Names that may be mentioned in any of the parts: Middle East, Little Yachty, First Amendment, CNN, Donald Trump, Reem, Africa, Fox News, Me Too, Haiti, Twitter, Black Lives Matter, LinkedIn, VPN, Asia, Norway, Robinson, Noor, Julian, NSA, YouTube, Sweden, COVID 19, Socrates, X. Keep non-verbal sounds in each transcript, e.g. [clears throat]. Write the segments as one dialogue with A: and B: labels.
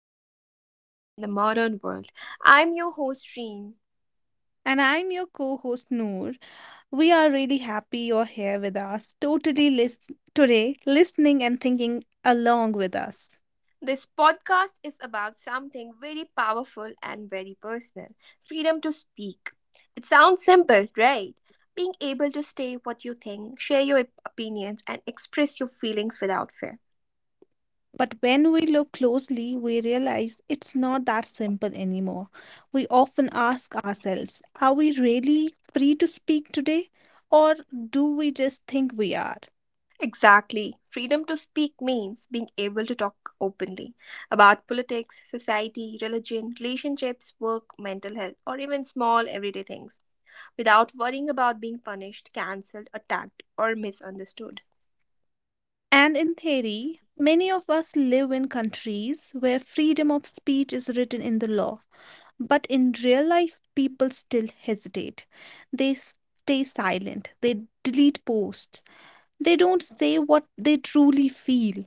A: Freedom to Speak in the Modern World. I'm your host, Reem.
B: And I'm your co host Noor. We are really happy you're here with us, today, listening and thinking along with us.
A: This podcast is about something very powerful and very personal freedom to speak. It sounds simple, right? Being able to say what you think, share your opinions, and express your feelings without fear.
B: But when we look closely, we realize it's not that simple anymore. We often ask ourselves, are we really free to speak today? Or do we just think we are?
A: Exactly. Freedom to speak means being able to talk openly about politics, society, religion, relationships, work, mental health, or even small everyday things without worrying about being punished, cancelled, attacked, or misunderstood.
B: And in theory, many of us live in countries where freedom of speech is written in the law. But in real life, people still hesitate. They stay silent, they delete posts, they don't say what they truly feel.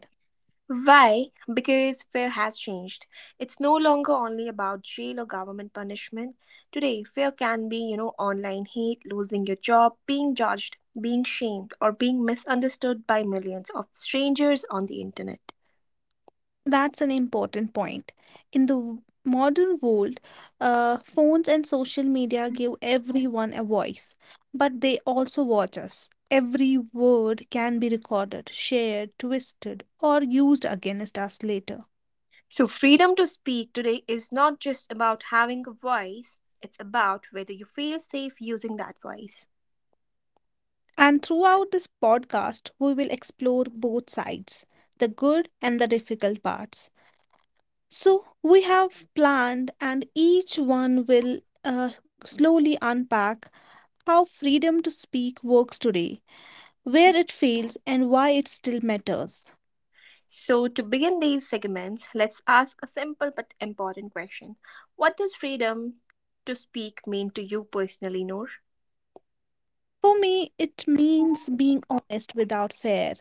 A: Why? Because fear has changed. It's no longer only about jail or government punishment. Today, fear can be online hate, losing your job, being judged, being shamed, or being misunderstood by millions of strangers on the internet.
B: That's an important point. In the modern world, phones and social media give everyone a voice, but they also watch us. Every word can be recorded, shared, twisted, or used against us later.
A: So, freedom to speak today is not just about having a voice, it's about whether you feel safe using that voice.
B: And throughout this podcast, we will explore both sides, the good and the difficult parts. So, we have planned, and each one will slowly unpack how freedom to speak works today, where
A: Mm-hmm.
B: it fails and why it still matters.
A: So, to begin these segments, let's ask a simple but important question: What does freedom to speak mean to you personally, Noor?
B: For me, it means being honest without fear,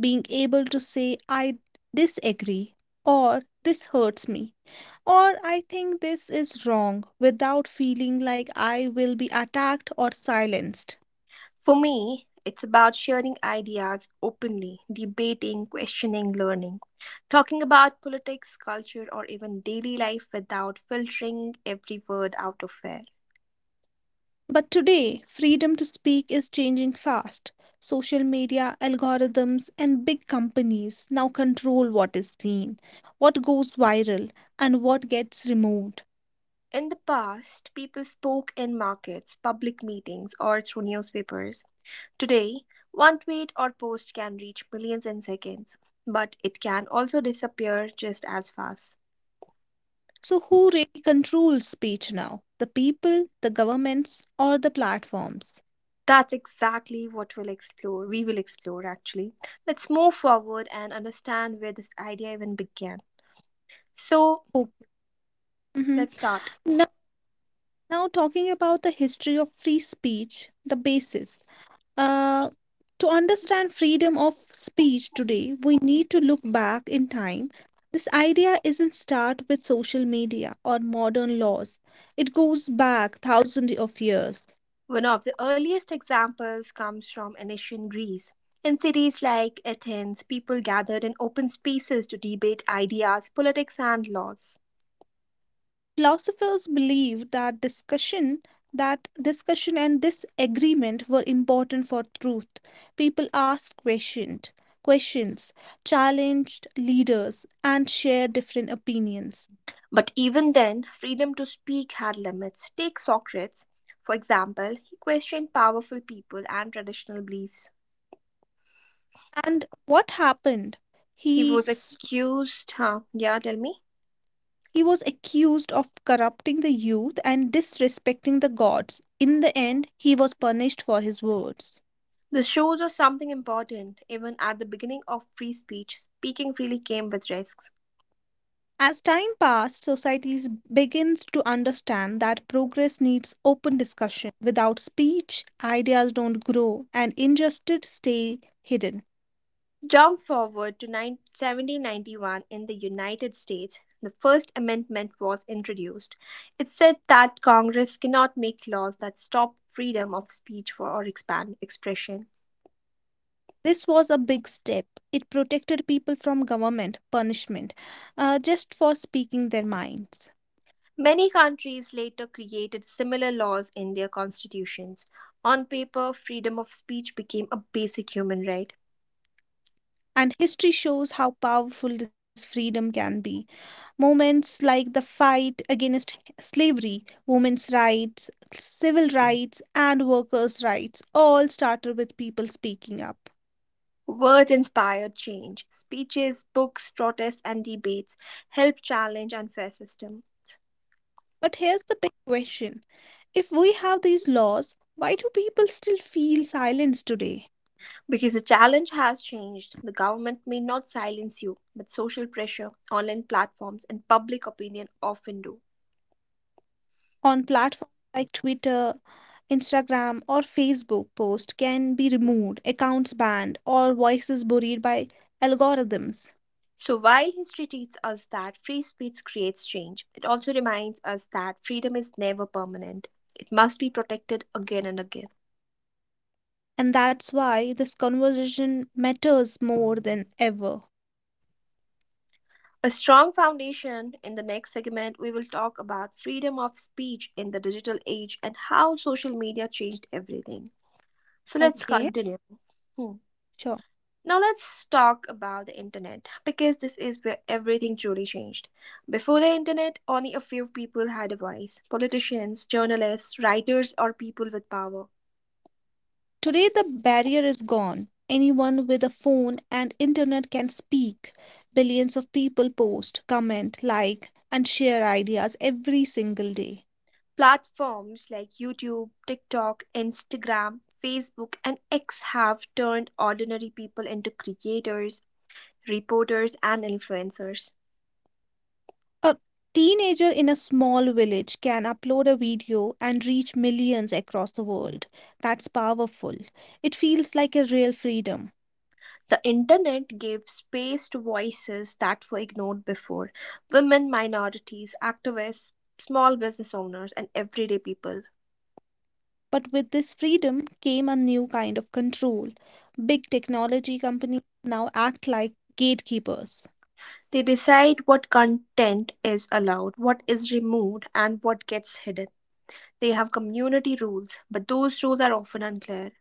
B: being able to say, I disagree, or this hurts me, or I think this is wrong without feeling like I will be attacked or silenced.
A: For me, it's about sharing ideas openly, debating, questioning, learning. Talking about politics, culture, or even daily life without filtering every word out of air.
B: But today, freedom to speak is changing fast. Social media, algorithms, and big companies now control what is seen, what goes viral, and what gets removed.
A: In the past, people spoke in markets, public meetings, or through newspapers. Today, one tweet or post can reach millions in seconds, but it can also disappear just as fast.
B: So, who really controls speech now? The people, the governments, or the platforms?
A: That's exactly what we'll explore. We will explore actually. Let's move forward and understand where this idea even began. So,
B: Okay. Mhm.
A: let's start.
B: Now, now, talking about the history of free speech, the basis. Uh, to understand freedom of speech today, we need to look back in time. This idea isn't start with social media or modern laws. It goes back thousands of years.
A: One of the earliest examples comes from ancient Greece. In cities like Athens, people gathered in open spaces to debate ideas, politics, and laws.
B: Philosophers believe that discussion and disagreement were important for truth. People asked questioned questions, challenged leaders, and shared different opinions.
A: But even then, freedom to speak had limits. Take Socrates, for example, he questioned powerful people and traditional beliefs.
B: And what happened?
A: He
B: He
A: was
B: s-
A: accused, huh? Yeah, tell me.
B: he was accused of corrupting the youth and disrespecting the gods. In the end, he was punished for his words.
A: This shows us something important. Even at the beginning of free speech, speaking freely came with risks.
B: As time passed, societies begins to understand that progress needs open discussion. Without speech, ideas don't grow and injustice stay hidden.
A: Jump forward to 9 1791 in the United States, the First Amendment was introduced. It said that Congress cannot make laws that stop freedom of speech for or expand expression.
B: This was a big step. It protected people from government punishment, just for speaking their minds.
A: Many countries later created similar laws in their constitutions. On paper, freedom of speech became a basic human right.
B: And history shows how powerful this freedom can be. Moments like the fight against slavery, women's rights, civil rights, and workers' rights all started with people speaking up.
A: Words inspire change. Speeches, books, protests, and debates help challenge unfair system.
B: But here's the big question, if we have these laws, why do people still feel silenced today?
A: Because the challenge has changed, the government may not silence you, but social pressure, online platforms, and public opinion often do.
B: On platforms like Twitter, Instagram, or Facebook, posts can be removed, accounts banned, or voices buried by algorithms.
A: So while history teaches us that free speech creates change, it also reminds us that freedom is never permanent. It must be protected again and again.
B: And that's why this conversation matters more than ever.
A: A strong foundation. In the next segment, we will talk about freedom of speech in the digital age and how social media changed everything. So let's
B: Okay,
A: continue. Hmm.
B: sure.
A: Now let's talk about the internet because this is where everything truly changed. Before the internet, only a few people had a voice: politicians, journalists, writers, or people with power.
B: Today, the barrier is gone. Anyone with a phone and internet can speak. Billions of people post, comment, like, and share ideas every single day.
A: Platforms like YouTube, TikTok, Instagram, Facebook, and X have turned ordinary people into creators, reporters, and influencers.
B: A teenager in a small village can upload a video and reach millions across the world. That's powerful. It feels like a real freedom.
A: The internet gave space to voices that were ignored before: women, minorities, activists, small business owners, and everyday people.
B: But with this freedom came a new kind of control. Big technology companies now act like gatekeepers.
A: They decide what content is allowed, what is removed, and what gets hidden. They have community rules, but those rules are often unclear.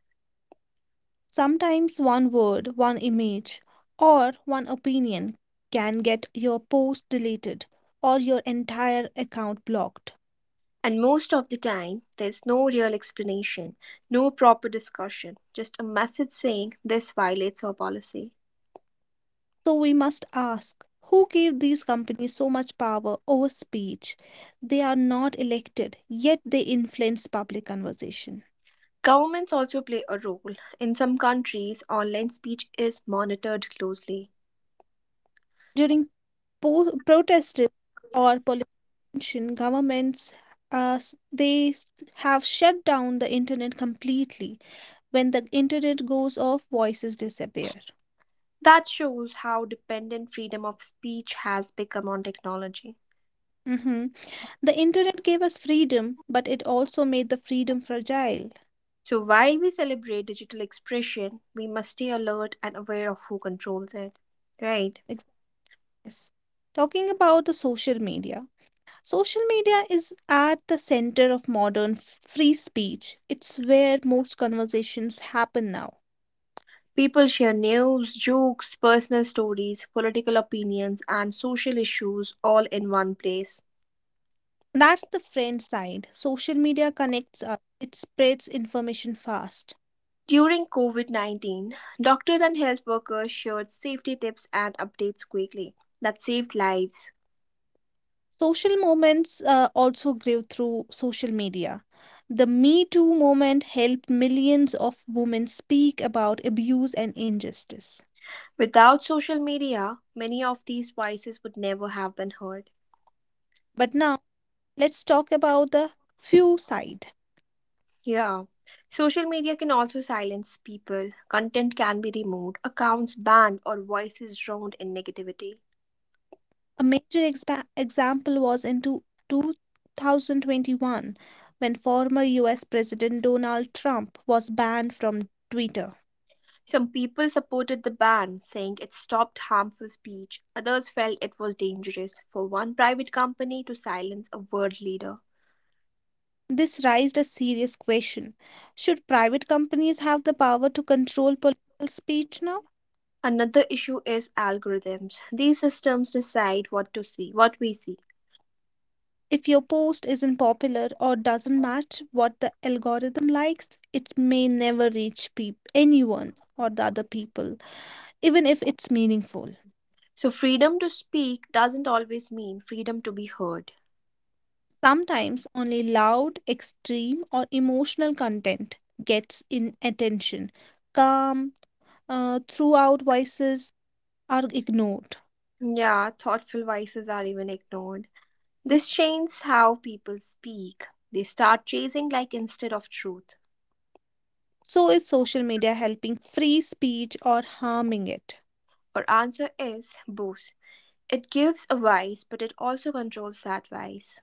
B: Sometimes one word, one image, or one opinion can get your post deleted or your entire account blocked.
A: And most of the time, there's no real explanation, no proper discussion, just a message saying this violates our policy.
B: So we must ask, who gave these companies so much power over speech? They are not elected, yet they influence public conversation.
A: Governments also play a role. In some countries, online speech is monitored closely.
B: During protests or political. Mentioned, governments uh, s- they s- have shut down the internet completely. When the internet goes off, voices disappear.
A: That shows how dependent freedom of speech has become on technology.
B: Mhm. The internet gave us freedom, but it also made the freedom fragile.
A: So, while we celebrate digital expression, we must stay alert and aware of who controls it. Right?
B: Ex- Yes. Talking about the social media is at the center of modern free speech. It's where most conversations happen now.
A: People share news, jokes, personal stories, political opinions, and social issues all in one place.
B: That's the friend side. Social media connects us, it spreads information fast.
A: During COVID 19, doctors and health workers shared safety tips and updates quickly that saved lives.
B: Social movements also grew through social media. The Me Too movement helped millions of women speak about abuse and injustice.
A: Without social media, many of these voices would never have been heard.
B: But now, let's talk about the few side.
A: Yeah, social media can also silence people, content can be removed, accounts banned, or voices drowned in negativity.
B: A major example was in 2021, when former US President Donald Trump was banned from Twitter.
A: Some people supported the ban, saying it stopped harmful speech. Others felt it was dangerous for one private company to silence a world leader.
B: This raised a serious question. Should private companies have the power to control political speech now?
A: Another issue is algorithms. These systems decide what to see, what we see.
B: If your post isn't popular or doesn't match what the algorithm likes, it may never reach anyone or the other people, even if it's meaningful.
A: So freedom to speak doesn't always mean freedom to be heard.
B: Sometimes only loud, extreme, or emotional content gets in attention. Calm, throughout voices are ignored.
A: Yeah, thoughtful voices are even ignored. This changes how people speak. They start chasing like instead of truth.
B: So is social media helping free speech or harming it?
A: Our answer is both. It gives a voice, but it also controls that voice.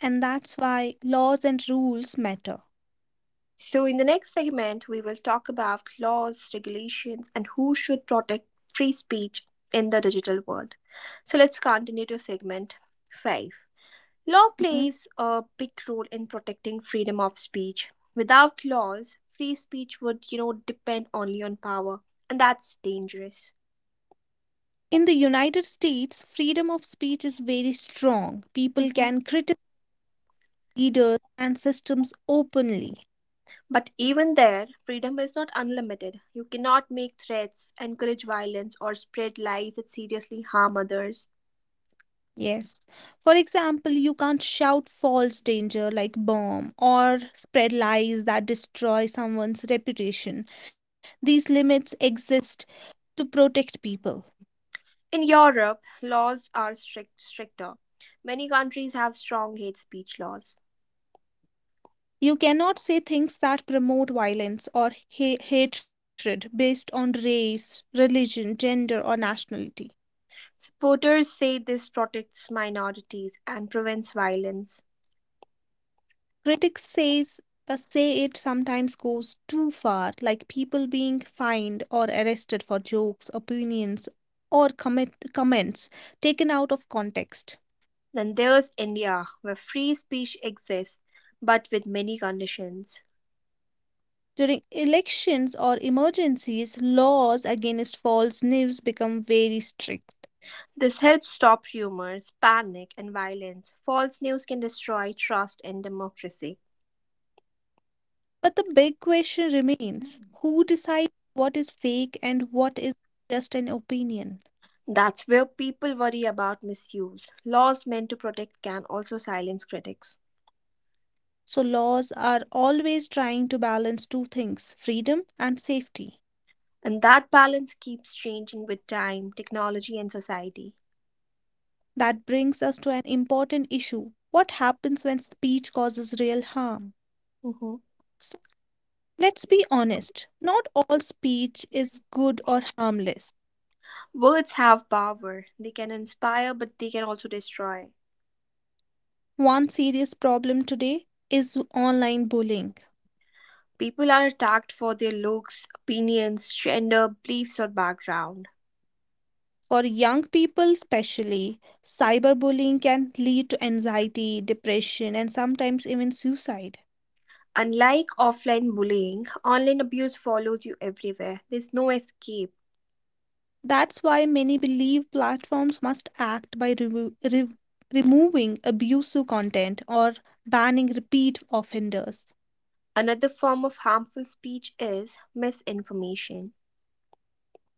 B: And that's why laws and rules matter.
A: So, in the next segment, we will talk about laws, regulations, and who should protect free speech in the digital world. So, let's continue to segment 5. Law plays a big role in protecting freedom of speech. Without laws, free speech would depend only on power, and that's dangerous.
B: In the United States, freedom of speech is very strong. People
A: Mhm.
B: can criticize leaders and systems openly.
A: But even there, freedom is not unlimited. You cannot make threats, encourage violence, or spread lies that seriously harm others.
B: Yes. For example, you can't shout false danger like bomb or spread lies that destroy someone's reputation. These limits exist to protect people.
A: In Europe, laws are strict, stricter. Many countries have strong hate speech laws.
B: You cannot say things that promote violence or hatred based on race, religion, gender, or nationality.
A: Supporters say this protects minorities and prevents violence.
B: Critics say it sometimes goes too far, like people being fined or arrested for jokes, opinions, or comments taken out of context.
A: Then there's India, where free speech exists but with many conditions.
B: During elections or emergencies, laws against false news become very strict.
A: This helps stop rumors, panic, and violence. False news can destroy trust in democracy.
B: But the big question remains, who decides what is fake and what is just an opinion?
A: That's where people worry about misuse. Laws meant to protect can also silence critics.
B: So, laws are always trying to balance two things, freedom and safety.
A: And that balance keeps changing with time, technology, and society.
B: That brings us to an important issue. What happens when speech causes real harm?
A: Hmm.
B: So let's be honest, not all speech is good or harmless.
A: Words have power. They can inspire, but they can also destroy.
B: One serious problem today is online bullying.
A: People are attacked for their looks, opinions, gender, beliefs, or background.
B: For young people, especially, cyberbullying can lead to anxiety, depression, and sometimes even suicide.
A: Unlike offline bullying, online abuse follows you everywhere. There's no escape.
B: That's why many believe platforms must act by removing abusive content or banning repeat offenders.
A: Another form of harmful speech is misinformation.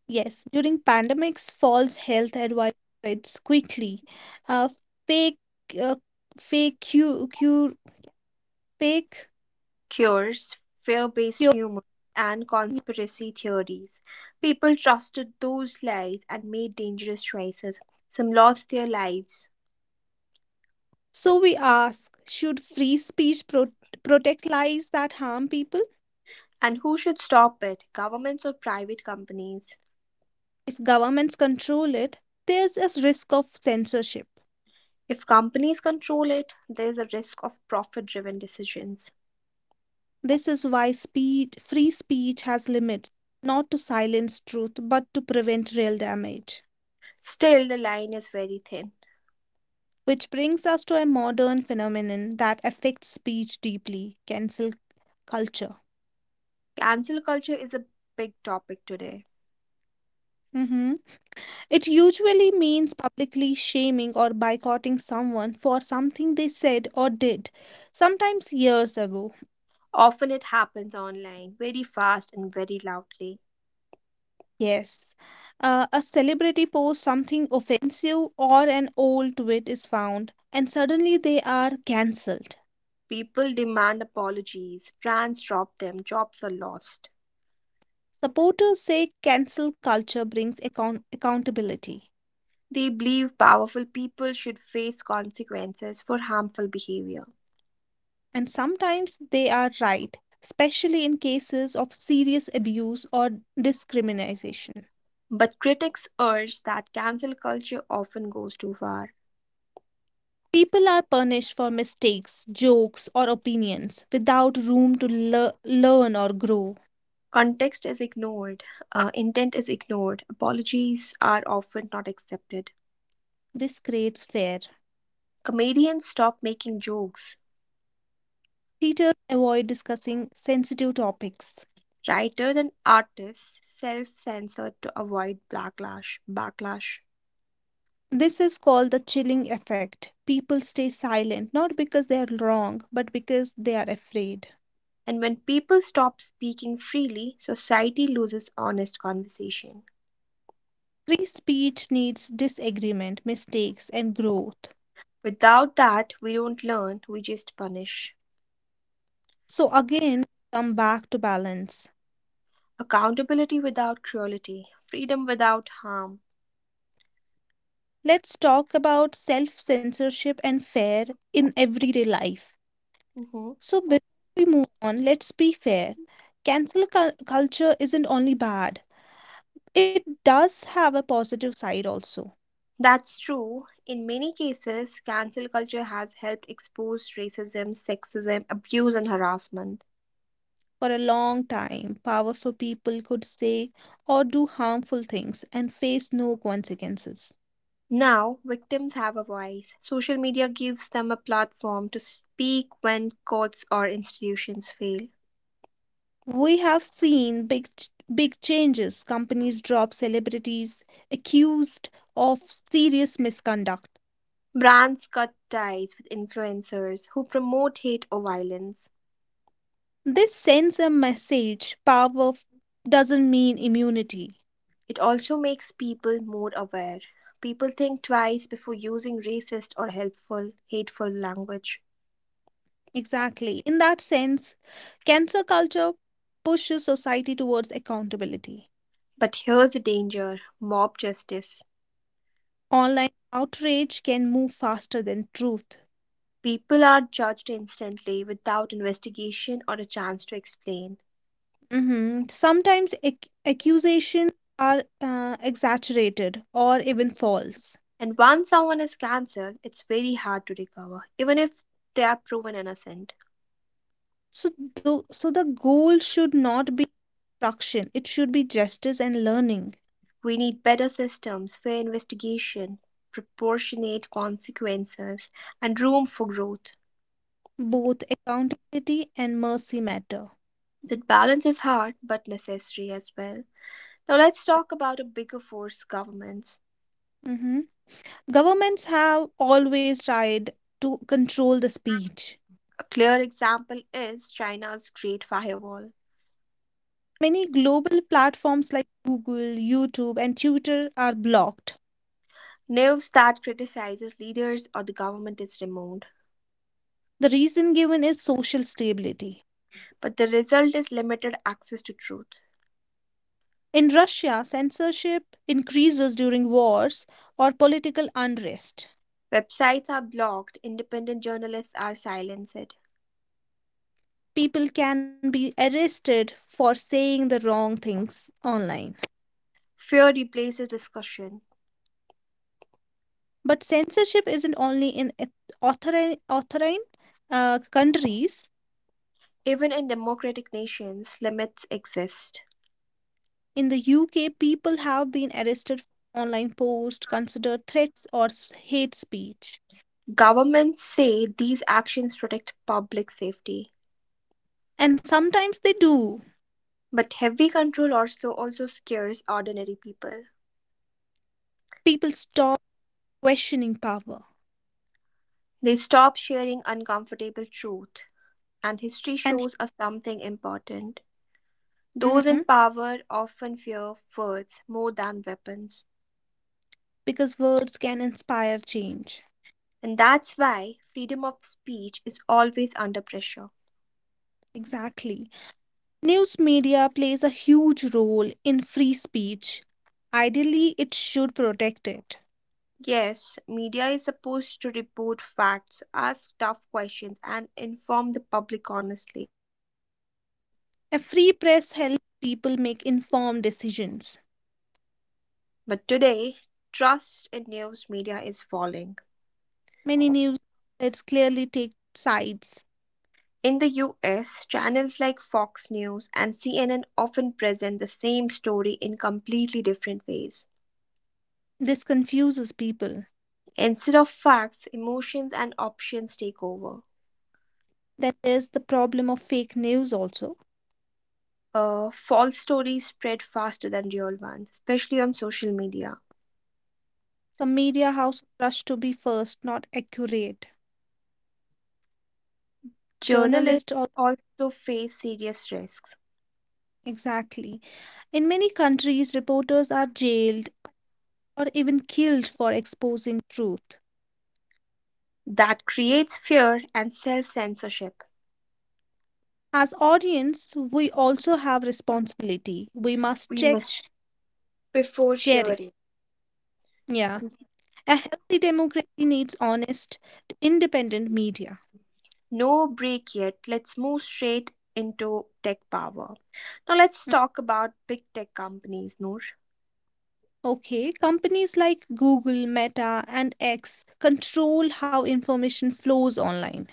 B: Yes, during pandemics, false health advice spreads quickly. Uh, fake, uh, fake cure, cure, fake
A: Cures, fear based
B: cure.
A: rumors, and conspiracy theories. People trusted those lies and made dangerous choices. Some lost their lives.
B: So we ask, should free speech protect lies that harm people?
A: And who should stop it? Governments or private companies?
B: If governments control it, there's a risk of censorship.
A: If companies control it, there's a risk of profit driven decisions.
B: This is why speech, free speech has limits, not to silence truth, but to prevent real damage.
A: Still, the line is very thin.
B: Which brings us to a modern phenomenon that affects speech deeply, cancel culture.
A: Cancel culture is a big topic today.
B: Mhm. It usually means publicly shaming or boycotting someone for something they said or did, sometimes years ago.
A: Often it happens online, very fast and very loudly.
B: Yes. A celebrity posts something offensive or an old tweet is found, and suddenly they are cancelled.
A: People demand apologies, brands drop them, jobs are lost.
B: Supporters say cancel culture brings accountability.
A: They believe powerful people should face consequences for harmful behavior.
B: And sometimes they are right, especially in cases of serious abuse or discrimination.
A: But critics urge that cancel culture often goes too far.
B: People are punished for mistakes, jokes, or opinions without room to learn or grow.
A: Context is ignored, intent is ignored, apologies are often not accepted.
B: This creates fear.
A: Comedians stop making jokes.
B: Teachers avoid discussing sensitive topics.
A: Writers and artists self censor to avoid backlash. Backlash.
B: This is called the chilling effect. People stay silent not because they are wrong, but because they are afraid.
A: And when people stop speaking freely, society loses honest conversation.
B: Free speech needs disagreement, mistakes, and growth.
A: Without that, we don't learn, we just punish.
B: So, again, come back to balance.
A: Accountability without cruelty, freedom without harm.
B: Let's talk about self censorship and fair in everyday life.
A: Mhm.
B: So, before we move on, let's be fair. Cancel culture isn't only bad, it does have a positive side also.
A: That's true. In many cases, cancel culture has helped expose racism, sexism, abuse, and harassment.
B: For a long time, powerful people could say or do harmful things and face no consequences.
A: Now, victims have a voice. Social media gives them a platform to speak when courts or institutions fail.
B: We have seen big changes. Companies drop celebrities accused of serious misconduct.
A: Brands cut ties with influencers who promote hate or violence.
B: This sends a message, power doesn't mean immunity.
A: It also makes people more aware. People think twice before using racist or helpful, hateful language.
B: Exactly. In that sense, cancer culture pushes society towards accountability.
A: But here's the danger mob justice.
B: Online outrage can move faster than truth.
A: People are judged instantly without investigation or a chance to explain.
B: Mhm. Sometimes accusations are exaggerated or even false.
A: And once someone is cancelled, it's very hard to recover, even if they are proven innocent.
B: So, so, the goal should not be destruction, it should be justice and learning.
A: We need better systems, fair investigation, proportionate consequences, and room for growth.
B: Both accountability and mercy matter.
A: That balance is hard but necessary as well. Now, let's talk about a bigger force: governments.
B: Mhm. Governments have always tried to control the speech.
A: A clear example is China's Great Firewall.
B: Many global platforms like Google, YouTube, and Twitter are blocked.
A: News that criticizes leaders or the government is removed,
B: The reason given is social stability.
A: but the result is limited access to truth.
B: In Russia, censorship increases during wars or political unrest.
A: Websites are blocked, independent journalists are silenced.
B: People can be arrested for saying the wrong things online.
A: Fear replaces discussion.
B: But censorship isn't only in authoritarian countries.
A: Even in democratic nations, limits exist.
B: In the UK, people have been arrested for online posts considered threats or hate speech.
A: Governments say these actions protect public safety,
B: And sometimes they do.
A: but heavy control also scares ordinary people.
B: People stop questioning power
A: They stop sharing uncomfortable truth, and history
B: and
A: shows us something important. Those in
B: Mhm.
A: power often fear words more than weapons,
B: because words can inspire change.
A: and that's why freedom of speech is always under pressure.
B: Exactly. News media plays a huge role in free speech. Ideally, it should protect it.
A: Yes, media is supposed to report facts, ask tough questions, and inform the public honestly.
B: A free press helps people make informed decisions.
A: But today, trust in news media is falling.
B: Many news outlets clearly take sides.
A: In the US, channels like Fox News and CNN often present the same story in completely different ways.
B: This confuses people.
A: Instead of facts, emotions and options take over.
B: Then there's the problem of fake news also.
A: False stories spread faster than real ones, especially on social media.
B: Some media houses rush to be first, not accurate.
A: Journalists
B: Journalists also
A: also face serious risks.
B: exactly. In many countries, reporters are jailed or even killed for exposing truth.
A: That creates fear and self censorship.
B: As audience, we also have responsibility. We must
A: We
B: check fact
A: must before
B: sharing.
A: sharing.
B: Yeah. A healthy democracy needs honest, independent media.
A: No break yet. Let's move straight into tech power. Now let's
B: Mm.
A: talk about big tech companies, Noor.
B: Okay, companies like Google, Meta, and X control how information flows online.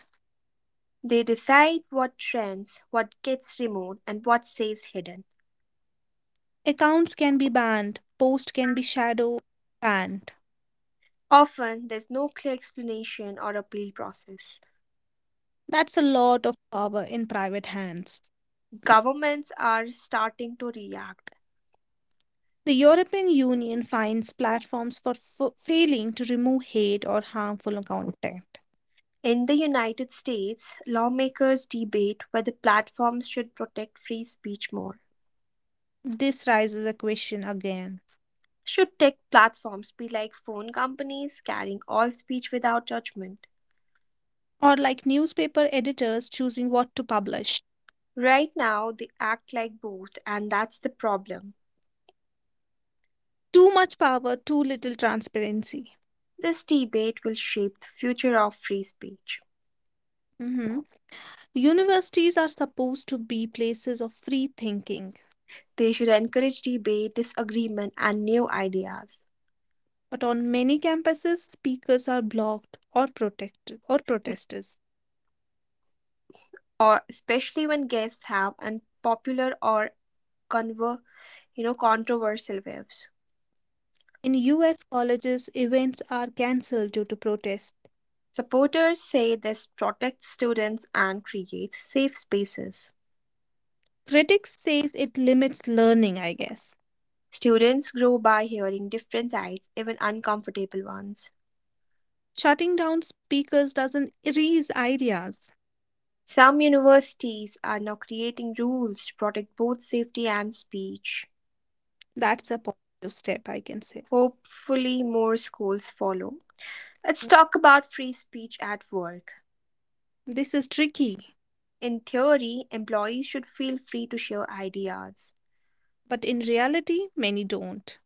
A: They decide what trends, what gets removed, and what stays hidden.
B: Accounts can be banned, posts can be shadow banned.
A: Often, there's no clear explanation or appeal process.
B: That's a lot of power in private hands.
A: Governments are starting to react.
B: The European Union fines platforms for failing to remove hate or harmful content.
A: In the United States, lawmakers debate whether platforms should protect free speech more.
B: This raises a question again.
A: Should tech platforms be like phone companies carrying all speech without judgment?
B: Or like newspaper editors choosing what to publish.
A: Right now, they act like both, and that's the problem.
B: Too much power, too little transparency.
A: This debate will shape the future of free speech.
B: Mhm. Universities are supposed to be places of free thinking,
A: They should encourage debate, disagreement, and new ideas,
B: but on many campuses, speakers are blocked or protected or
A: es-
B: protesters.
A: or especially when guests have unpopular or conver- controversial views.
B: In US colleges, events are cancelled due to protest.
A: Supporters say this protects students and creates safe spaces.
B: Critics says it limits learning, I guess.
A: Students grow by hearing different sides, even uncomfortable ones.
B: Shutting down speakers doesn't erase ideas.
A: Some universities are now creating rules to protect both safety and speech.
B: That's a positive step, I can say.
A: Hopefully, more schools follow. Let's talk about free speech at work.
B: This is tricky,
A: In theory, employees should feel free to share ideas,
B: but in reality, many don't.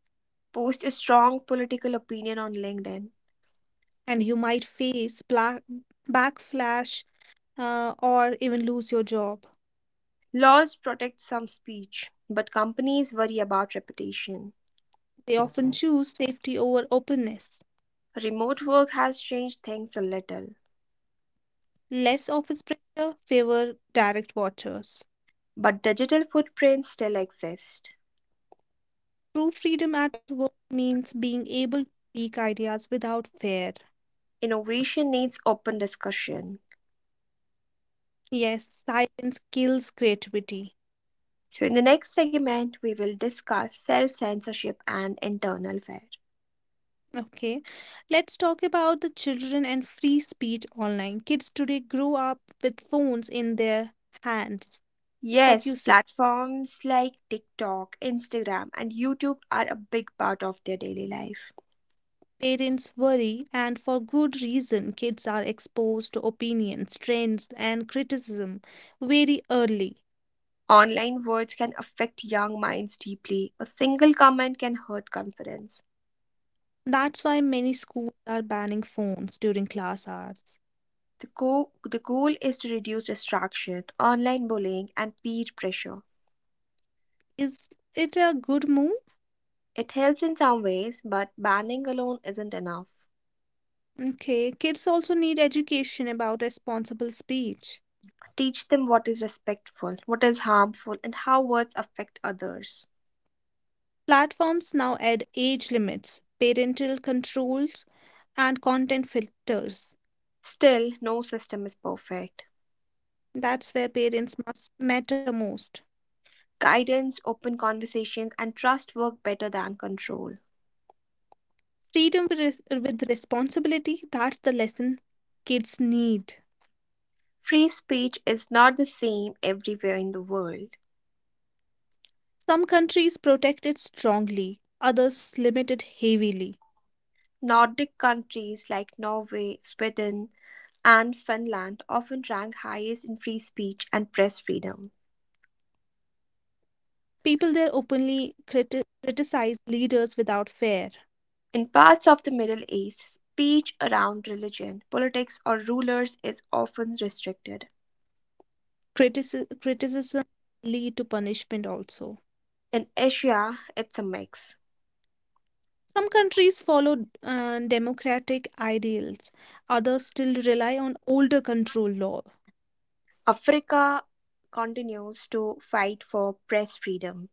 A: post a strong political opinion on LinkedIn.
B: And you might face backflash, or even lose your job.
A: Laws protect some speech, but companies worry about reputation.
B: They often choose safety over openness.
A: Remote work has changed things a little.
B: Less office pressure favor direct watchers.
A: But digital footprints still exist.
B: True freedom at work means being able to speak ideas without fear.
A: Innovation needs open discussion.
B: Yes, silence kills creativity.
A: So, in the next segment, we will discuss self censorship and internal fear.
B: Okay, let's talk about the children and free speech online. Kids today grow up with phones in their hands. What do
A: Yes,
B: you say?
A: platforms like TikTok, Instagram, and YouTube are a big part of their daily life.
B: Parents worry, and for good reason, kids are exposed to opinions, trends, and criticism very early.
A: Online words can affect young minds deeply. A single comment can hurt confidence.
B: That's why many schools are banning phones during class hours.
A: The goal is to reduce distraction, online bullying, and peer pressure.
B: Is it a good move?
A: It helps in some ways, but banning alone isn't enough.
B: Okay, kids also need education about responsible speech.
A: Teach them what is respectful, what is harmful, and how words affect others.
B: Platforms now add age limits, parental controls, and content filters.
A: Still, no system is perfect.
B: That's where parents must matter most.
A: Guidance, open conversations, and trust work better than control.
B: Freedom with responsibility, that's the lesson kids need.
A: Free speech is not the same everywhere in the world.
B: Some countries protect it strongly, others limit it heavily.
A: Nordic countries like Norway, Sweden, and Finland often rank highest in free speech and press freedom.
B: People there openly criticize leaders without fear.
A: In parts of the Middle East, speech around religion, politics, or rulers is often restricted.
B: Criticism lead to punishment also.
A: In Asia, it's a mix.
B: Some countries follow democratic ideals, others still rely on older control law.
A: Africa continues to fight for press freedom.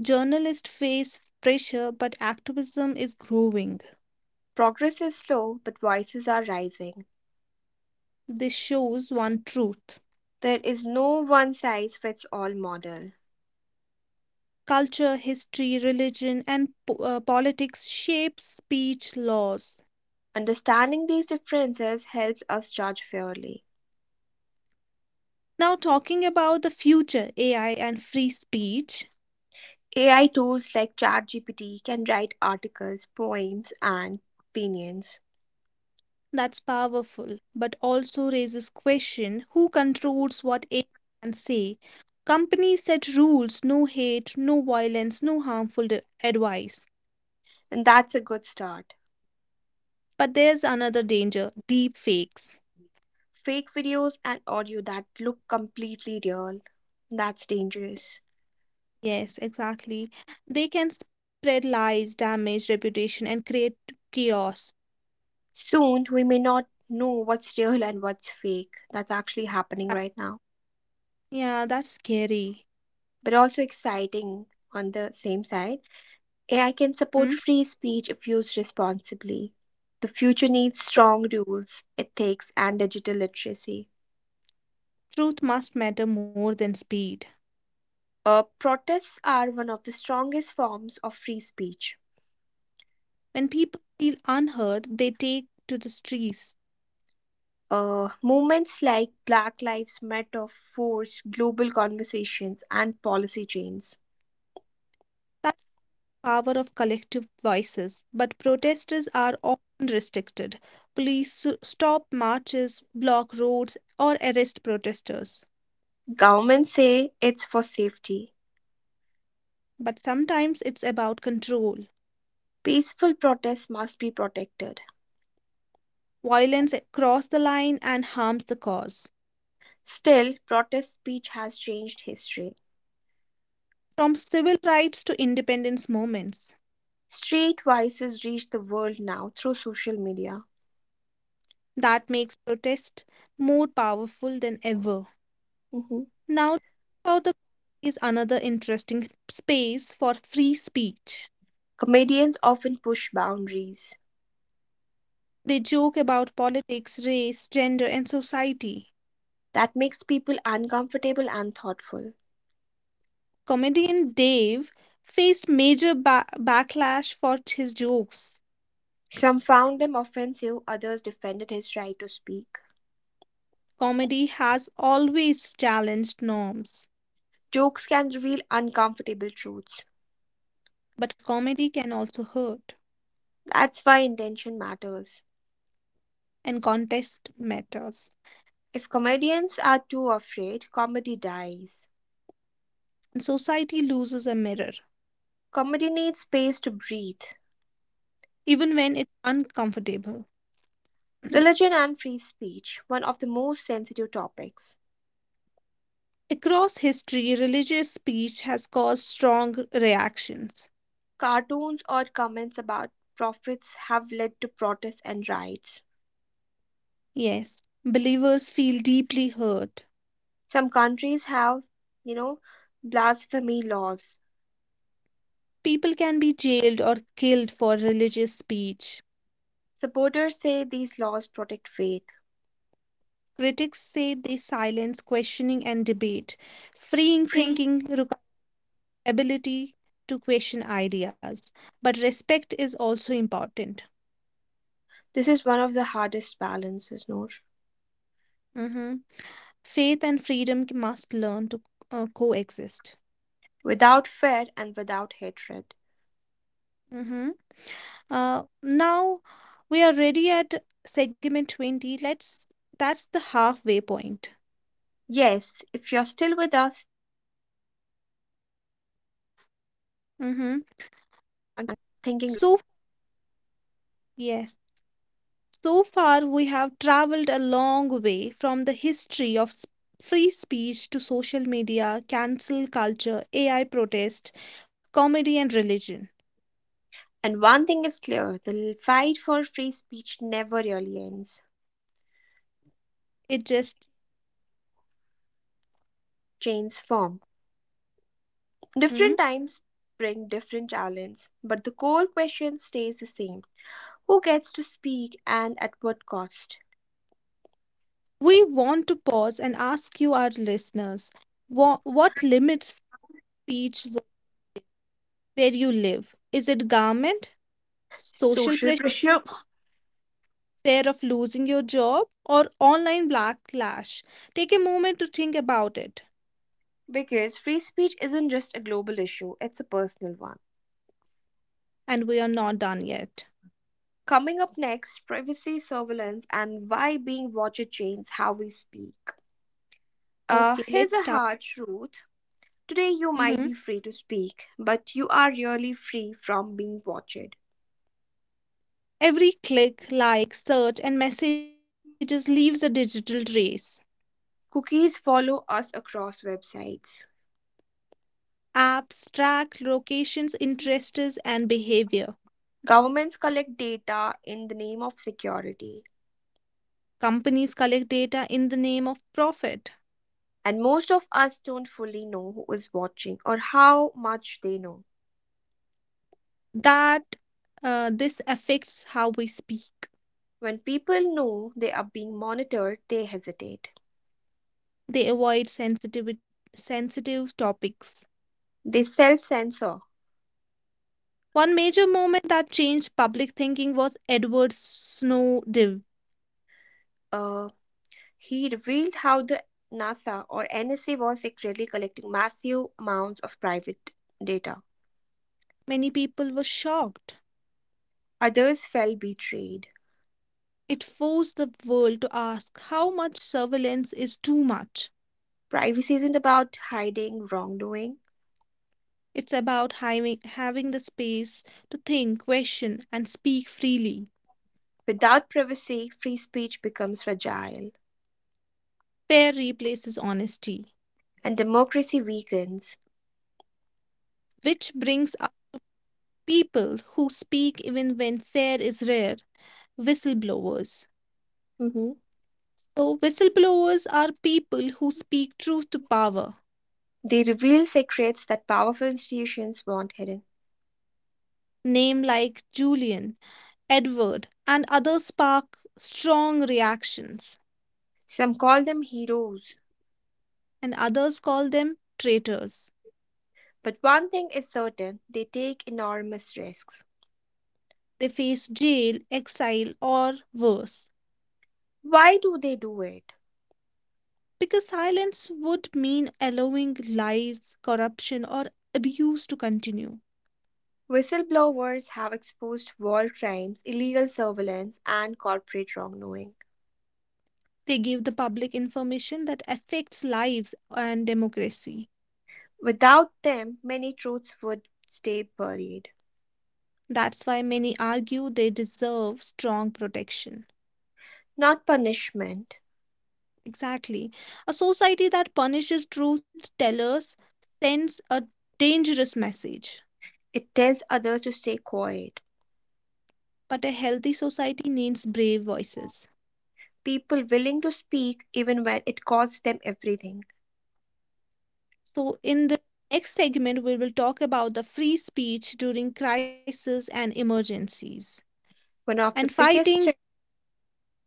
B: Journalists face pressure, but activism is growing.
A: Progress is slow, but voices are rising.
B: This shows one truth.
A: There is no one size fits all model.
B: Culture, history, religion, and politics shape speech laws.
A: Understanding these differences helps us judge fairly.
B: Now, talking about the future AI and free speech.
A: AI tools like ChatGPT can write articles, poems, and opinions,
B: That's powerful, but also raises question who controls what AI can say. Companies set rules, no hate, no violence, no advice.
A: and that's a good start.
B: But there's another danger, deep fakes.
A: Fake videos and audio that look completely real. That's dangerous.
B: Yes, exactly. They can spread lies, damage reputation and create chaos.
A: Soon, we may not know what's real and what's fake. That's actually happening right
B: That-
A: now.
B: Yeah, that's scary.
A: But also exciting on the same side. AI can support
B: Hmm?
A: free speech if used responsibly. The future needs
B: The
A: strong rules, ethics, and digital literacy.
B: truth must matter more than speed.
A: Protests are one of the strongest forms of free speech.
B: When people feel unheard, they take to the streets.
A: Movements like Black Lives Matter force global conversations and policy change.
B: Power of collective voices, but protesters are often restricted. Police stop marches, block roads, or arrest protesters.
A: Governments say it's for safety.
B: But sometimes it's about control.
A: Peaceful protests must be protected.
B: Violence crosses the line and harms the cause.
A: Still, protest speech has changed history.
B: From civil rights to independence movements,
A: Street voices reach the world now through social media.
B: that makes protest more powerful than ever.
A: Mhm.
B: Now, talking about the is another interesting space for free speech.
A: Comedians often push boundaries.
B: They joke about politics, race, gender, and society.
A: That makes people uncomfortable and thoughtful.
B: Comedian Dave faced major backlash for his jokes.
A: Some found them offensive, others defended his right to speak.
B: Comedy has always challenged norms,
A: Jokes can reveal uncomfortable truths.
B: but comedy can also hurt,
A: That's why intention matters.
B: and context matters.
A: If comedians are too afraid, comedy dies.
B: And society loses a mirror,
A: Comedy needs space to breathe.
B: even when it's uncomfortable. [clears throat]
A: Religion and free speech, one of the most sensitive topics.
B: Across history, religious speech has caused strong reactions.
A: Cartoons or comments about prophets have led to protests and riots.
B: Yes, believers feel deeply hurt.
A: Some countries have, you know, blasphemy laws.
B: People can be jailed or killed for religious speech.
A: Supporters say these laws protect faith.
B: Critics say they silence questioning and debate. Freeing
A: Free.
B: thinking requires ability to question ideas, but respect is also important.
A: This is one of the hardest balances, Noor.
B: Mhm. Faith and freedom must learn to coexist.
A: Without fear and without hatred.
B: Mhm. Now we are ready at segment 20. Let's that's the halfway point.
A: Yes, if you're still with us, thank you for listening and thank you thinking along with
B: Mhm.
A: us.
B: So, yes. So far, we have traveled a long way from the history of free speech to social media, cancel culture, AI protest, comedy, and religion.
A: And one thing is clear, the fight for free speech never really ends,
B: It just.
A: changes form.
B: Hmm?
A: Different times bring different challenges, but the core question stays the same: who gets to speak and at what cost?
B: We want to pause and ask you, our listeners, what limits speech where you live? Is it government, social
A: Social
B: pressure,
A: pressure.
B: fear of losing your job, or online backlash? Take a moment to think about it.
A: Because free speech isn't just a global issue, it's a personal one.
B: And we are not done yet.
A: Coming up next, privacy, surveillance, and why being watched changes how we speak.
B: Okay,
A: Here's
B: let's
A: a
B: start.
A: hard truth. Today, you might
B: Mhm.
A: be free to speak, but you are really free from being watched.
B: Every click, like, search, and messages leaves a digital trace.
A: Cookies follow us across websites.
B: Apps track locations, interests, and behavior.
A: Governments collect data in the name of security,
B: Companies collect data in the name of profit.
A: and most of us don't fully know who is watching or how much they know.
B: That This affects how we speak.
A: When people know they are being monitored, they hesitate.
B: They avoid sensitive topics.
A: They self censor.
B: One major moment that changed public thinking was Edward Snowden.
A: Uh, He revealed how the NASA or NSA was secretly collecting massive amounts of private data.
B: Many people were shocked.
A: Others felt betrayed.
B: It forced the world to ask how much surveillance is too much.
A: Privacy isn't about hiding wrongdoing.
B: It's about having the space to think, question, and speak freely.
A: Without privacy, free speech becomes fragile
B: Fair replaces honesty,
A: and democracy weakens.
B: which brings up people who speak even when fair is rare, whistleblowers.
A: Mhm.
B: So, whistleblowers are people who speak truth to power.
A: They reveal secrets that powerful institutions want hidden.
B: Name like Julian, Edward, and others spark strong reactions,
A: Some call them heroes,
B: and others call them traitors.
A: but one thing is certain they take enormous risks.
B: They face jail, exile, or worse.
A: Why do they do it?
B: Because silence would mean allowing lies, corruption, or abuse to continue.
A: Whistleblowers have exposed war crimes, illegal surveillance, and corporate wrongdoing.
B: They give the public information that affects lives and democracy.
A: Without them, many truths would stay buried.
B: That's why many argue they deserve strong protection.
A: Not punishment,
B: Exactly. A society that punishes truth tellers sends a dangerous message.
A: it tells others to stay quiet.
B: But a healthy society needs brave voices.
A: People willing to speak even when it costs them everything.
B: So, in the next segment, we will talk about the free speech during crisis and emergencies.
A: One
B: And
A: of the
B: fighting
A: biggest thre-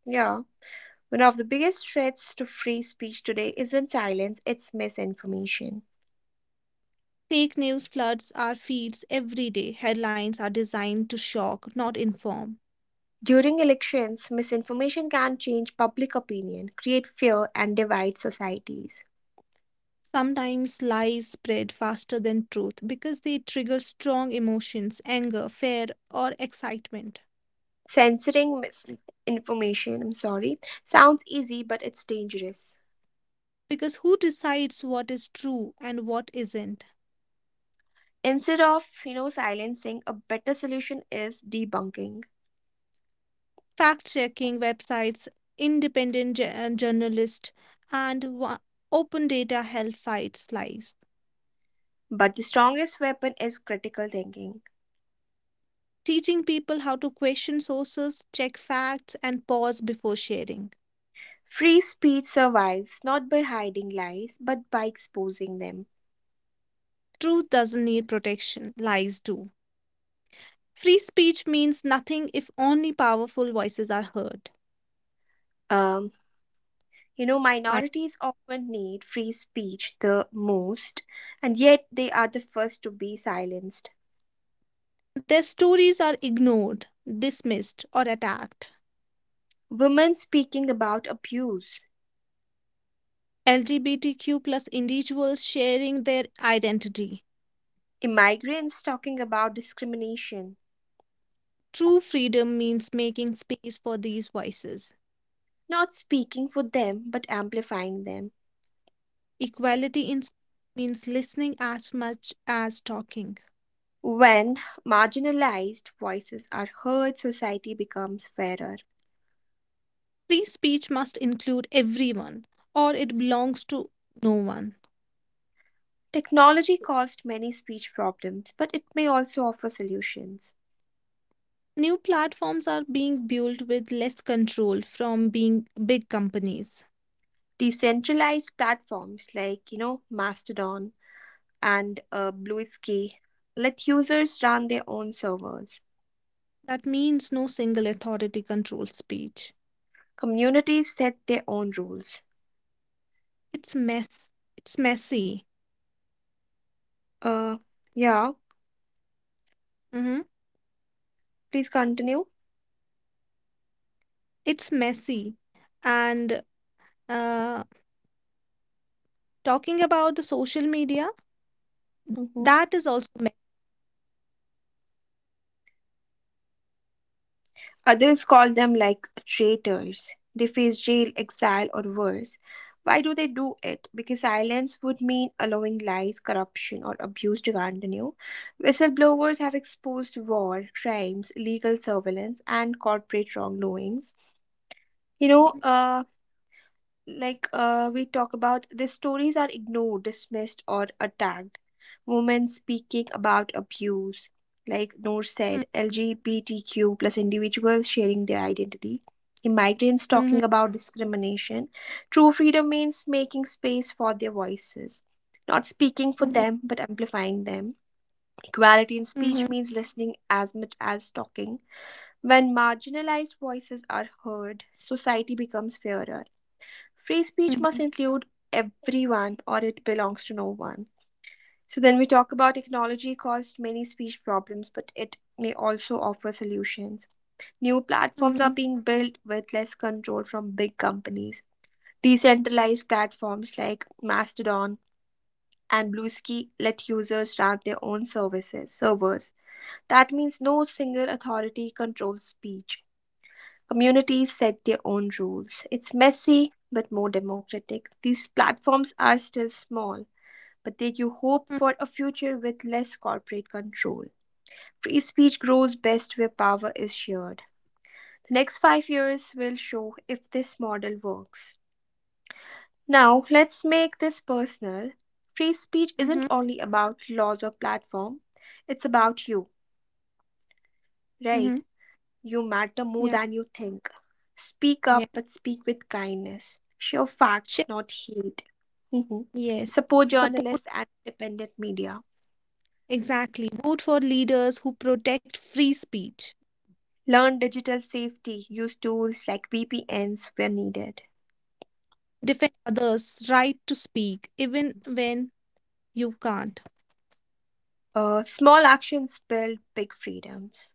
A: Yeah, one of the biggest threats to free speech today isn't silence, it's misinformation.
B: fake news floods our feeds every day. Headlines are designed to shock, not inform.
A: During elections, misinformation can change public opinion, create fear, and divide societies.
B: Sometimes lies spread faster than truth because they trigger strong emotions, anger, fear, or excitement.
A: Censoring misinformation, I'm sorry, sounds easy, but it's dangerous.
B: Because who decides what is true and what isn't?
A: Instead of, you know, silencing, a better solution is debunking.
B: Fact checking websites, independent journalists, and open data help fight lies.
A: But the strongest weapon is critical thinking.
B: Teaching people how to question sources, check facts, and pause before sharing.
A: Free speech survives not by hiding lies, but by exposing them.
B: Truth doesn't need protection, lies do. Free speech means nothing if only powerful voices are heard.
A: Um, you know, minorities often need free speech the most, and yet they are the first to be silenced.
B: Their stories are ignored, dismissed, or attacked.
A: Women speaking about abuse,
B: LGBTQ plus individuals sharing their identity.
A: immigrants talking about discrimination,
B: True freedom means making space for these voices.
A: not speaking for them but amplifying them.
B: Equality in speech means listening as much as talking.
A: When marginalized voices are heard, society becomes fairer.
B: Free speech must include everyone, or it belongs to no one.
A: Technology caused many speech problems, but it may also offer solutions.
B: New platforms are being built with less control from being big companies.
A: Decentralized platforms like, you know, Mastodon and Bluesky let users run their own servers.
B: That means no single authority controls speech.
A: Communities set their own rules.
B: It's mess. It's messy.
A: Uh, yeah,
B: Hmm.
A: Please continue.
B: It's messy. And uh, Talking about the social media,
A: Mhm.
B: that is also
A: Others call them like traitors. They face jail, exile, or worse. Why do they do it? Because silence would mean allowing lies, corruption, or abuse to continue. Whistleblowers have exposed war, crimes, legal surveillance, and corporate wrongdoings. You know, uh, we talk about the stories are ignored, dismissed, or attacked. Women speaking about abuse, like Noor
B: messy.
A: said, LGBTQ plus individuals sharing their identity, immigrants
B: Hmm.
A: talking about discrimination. True freedom means making space for their voices, not speaking for
B: Hmm.
A: them but amplifying them. Equality in
B: Hmm.
A: speech means listening as much as talking. When marginalized voices are heard, society becomes fairer. Free speech must
B: Hmm.
A: include everyone, or it belongs to no one. So then we talk about technology caused many speech problems, but it may also offer solutions. New platforms
B: Hmm.
A: are being built with less control from big companies. Decentralized platforms like Mastodon and Bluesky let users run their own services servers. That means no single authority controls speech. Communities set their own rules. It's messy but more democratic. These platforms are still small, but they give hope for a future with less corporate control. Free speech grows best where power is shared. The next 5 years will show if this model works. Now, let's make this personal. Free speech
B: Hmm.
A: isn't only about laws or platform, it's about you,
B: Hmm.
A: right? You matter more
B: Yeah.
A: than you think. Speak up,
B: Yes.
A: but speak with kindness. Show facts,
B: Share.
A: not hate. Mhm.
B: Yes.
A: Support
B: Support.
A: journalists and independent media.
B: Exactly. Vote for leaders who protect free speech.
A: Learn digital safety. Use tools like VPNs where needed.
B: Defend others' right to speak even when you can't.
A: Small actions build big freedoms.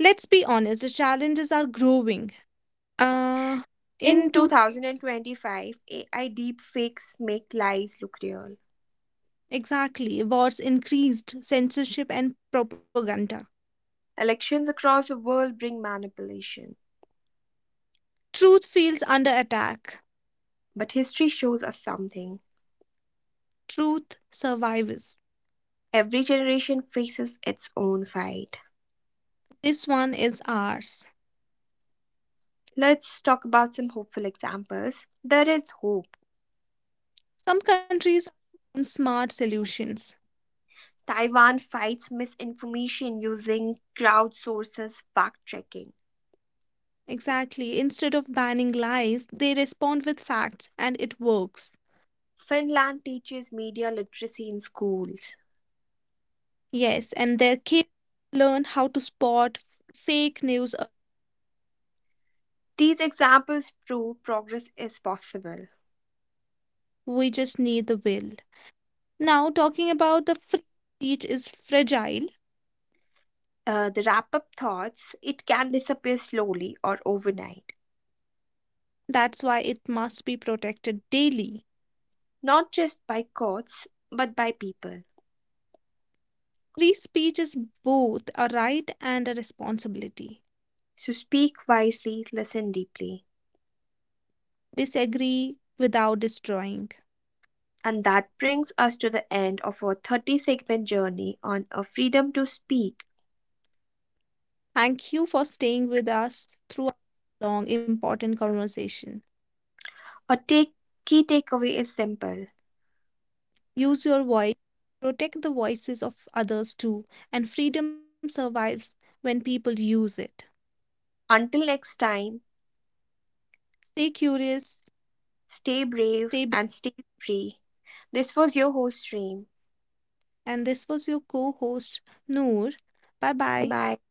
B: Let's be honest, the challenges are growing. Uh, in two
A: In 2025, AI deepfakes make lies look real.
B: Exactly, wars increased censorship and propaganda.
A: Elections across the world bring manipulation.
B: Truth feels under attack.
A: But history shows us something.
B: Truth survives.
A: Every generation faces its own fight.
B: This one is ours.
A: Let's talk about some hopeful examples. There is hope.
B: Some countries are smart solutions.
A: Taiwan fights misinformation using crowdsources fact checking.
B: Exactly. Instead of banning lies, they respond with facts and it works.
A: Finland teaches media literacy in schools.
B: Yes, and their kids learn how to spot fake news early.
A: These examples prove progress is possible.
B: We just need the will. Now, talking about the free speech is fragile.
A: The wrap up thoughts it can disappear slowly or overnight,
B: That's why it must be protected daily.
A: not just by courts, but by people.
B: Free speech is both a right and a responsibility.
A: So speak wisely, listen deeply.
B: Disagree without destroying.
A: And that brings us to the end of our 30 segment journey on a freedom to speak.
B: Thank you for staying with us through our long, important conversation.
A: A take, Key takeaway is simple.
B: Use your voice, protect the voices of others too, and freedom survives when people use it.
A: Until next time,
B: Stay curious,
A: stay brave
B: stay brave.
A: and stay free. This was your host, Stream.
B: And this was your co host, Noor. Bye bye.
A: Bye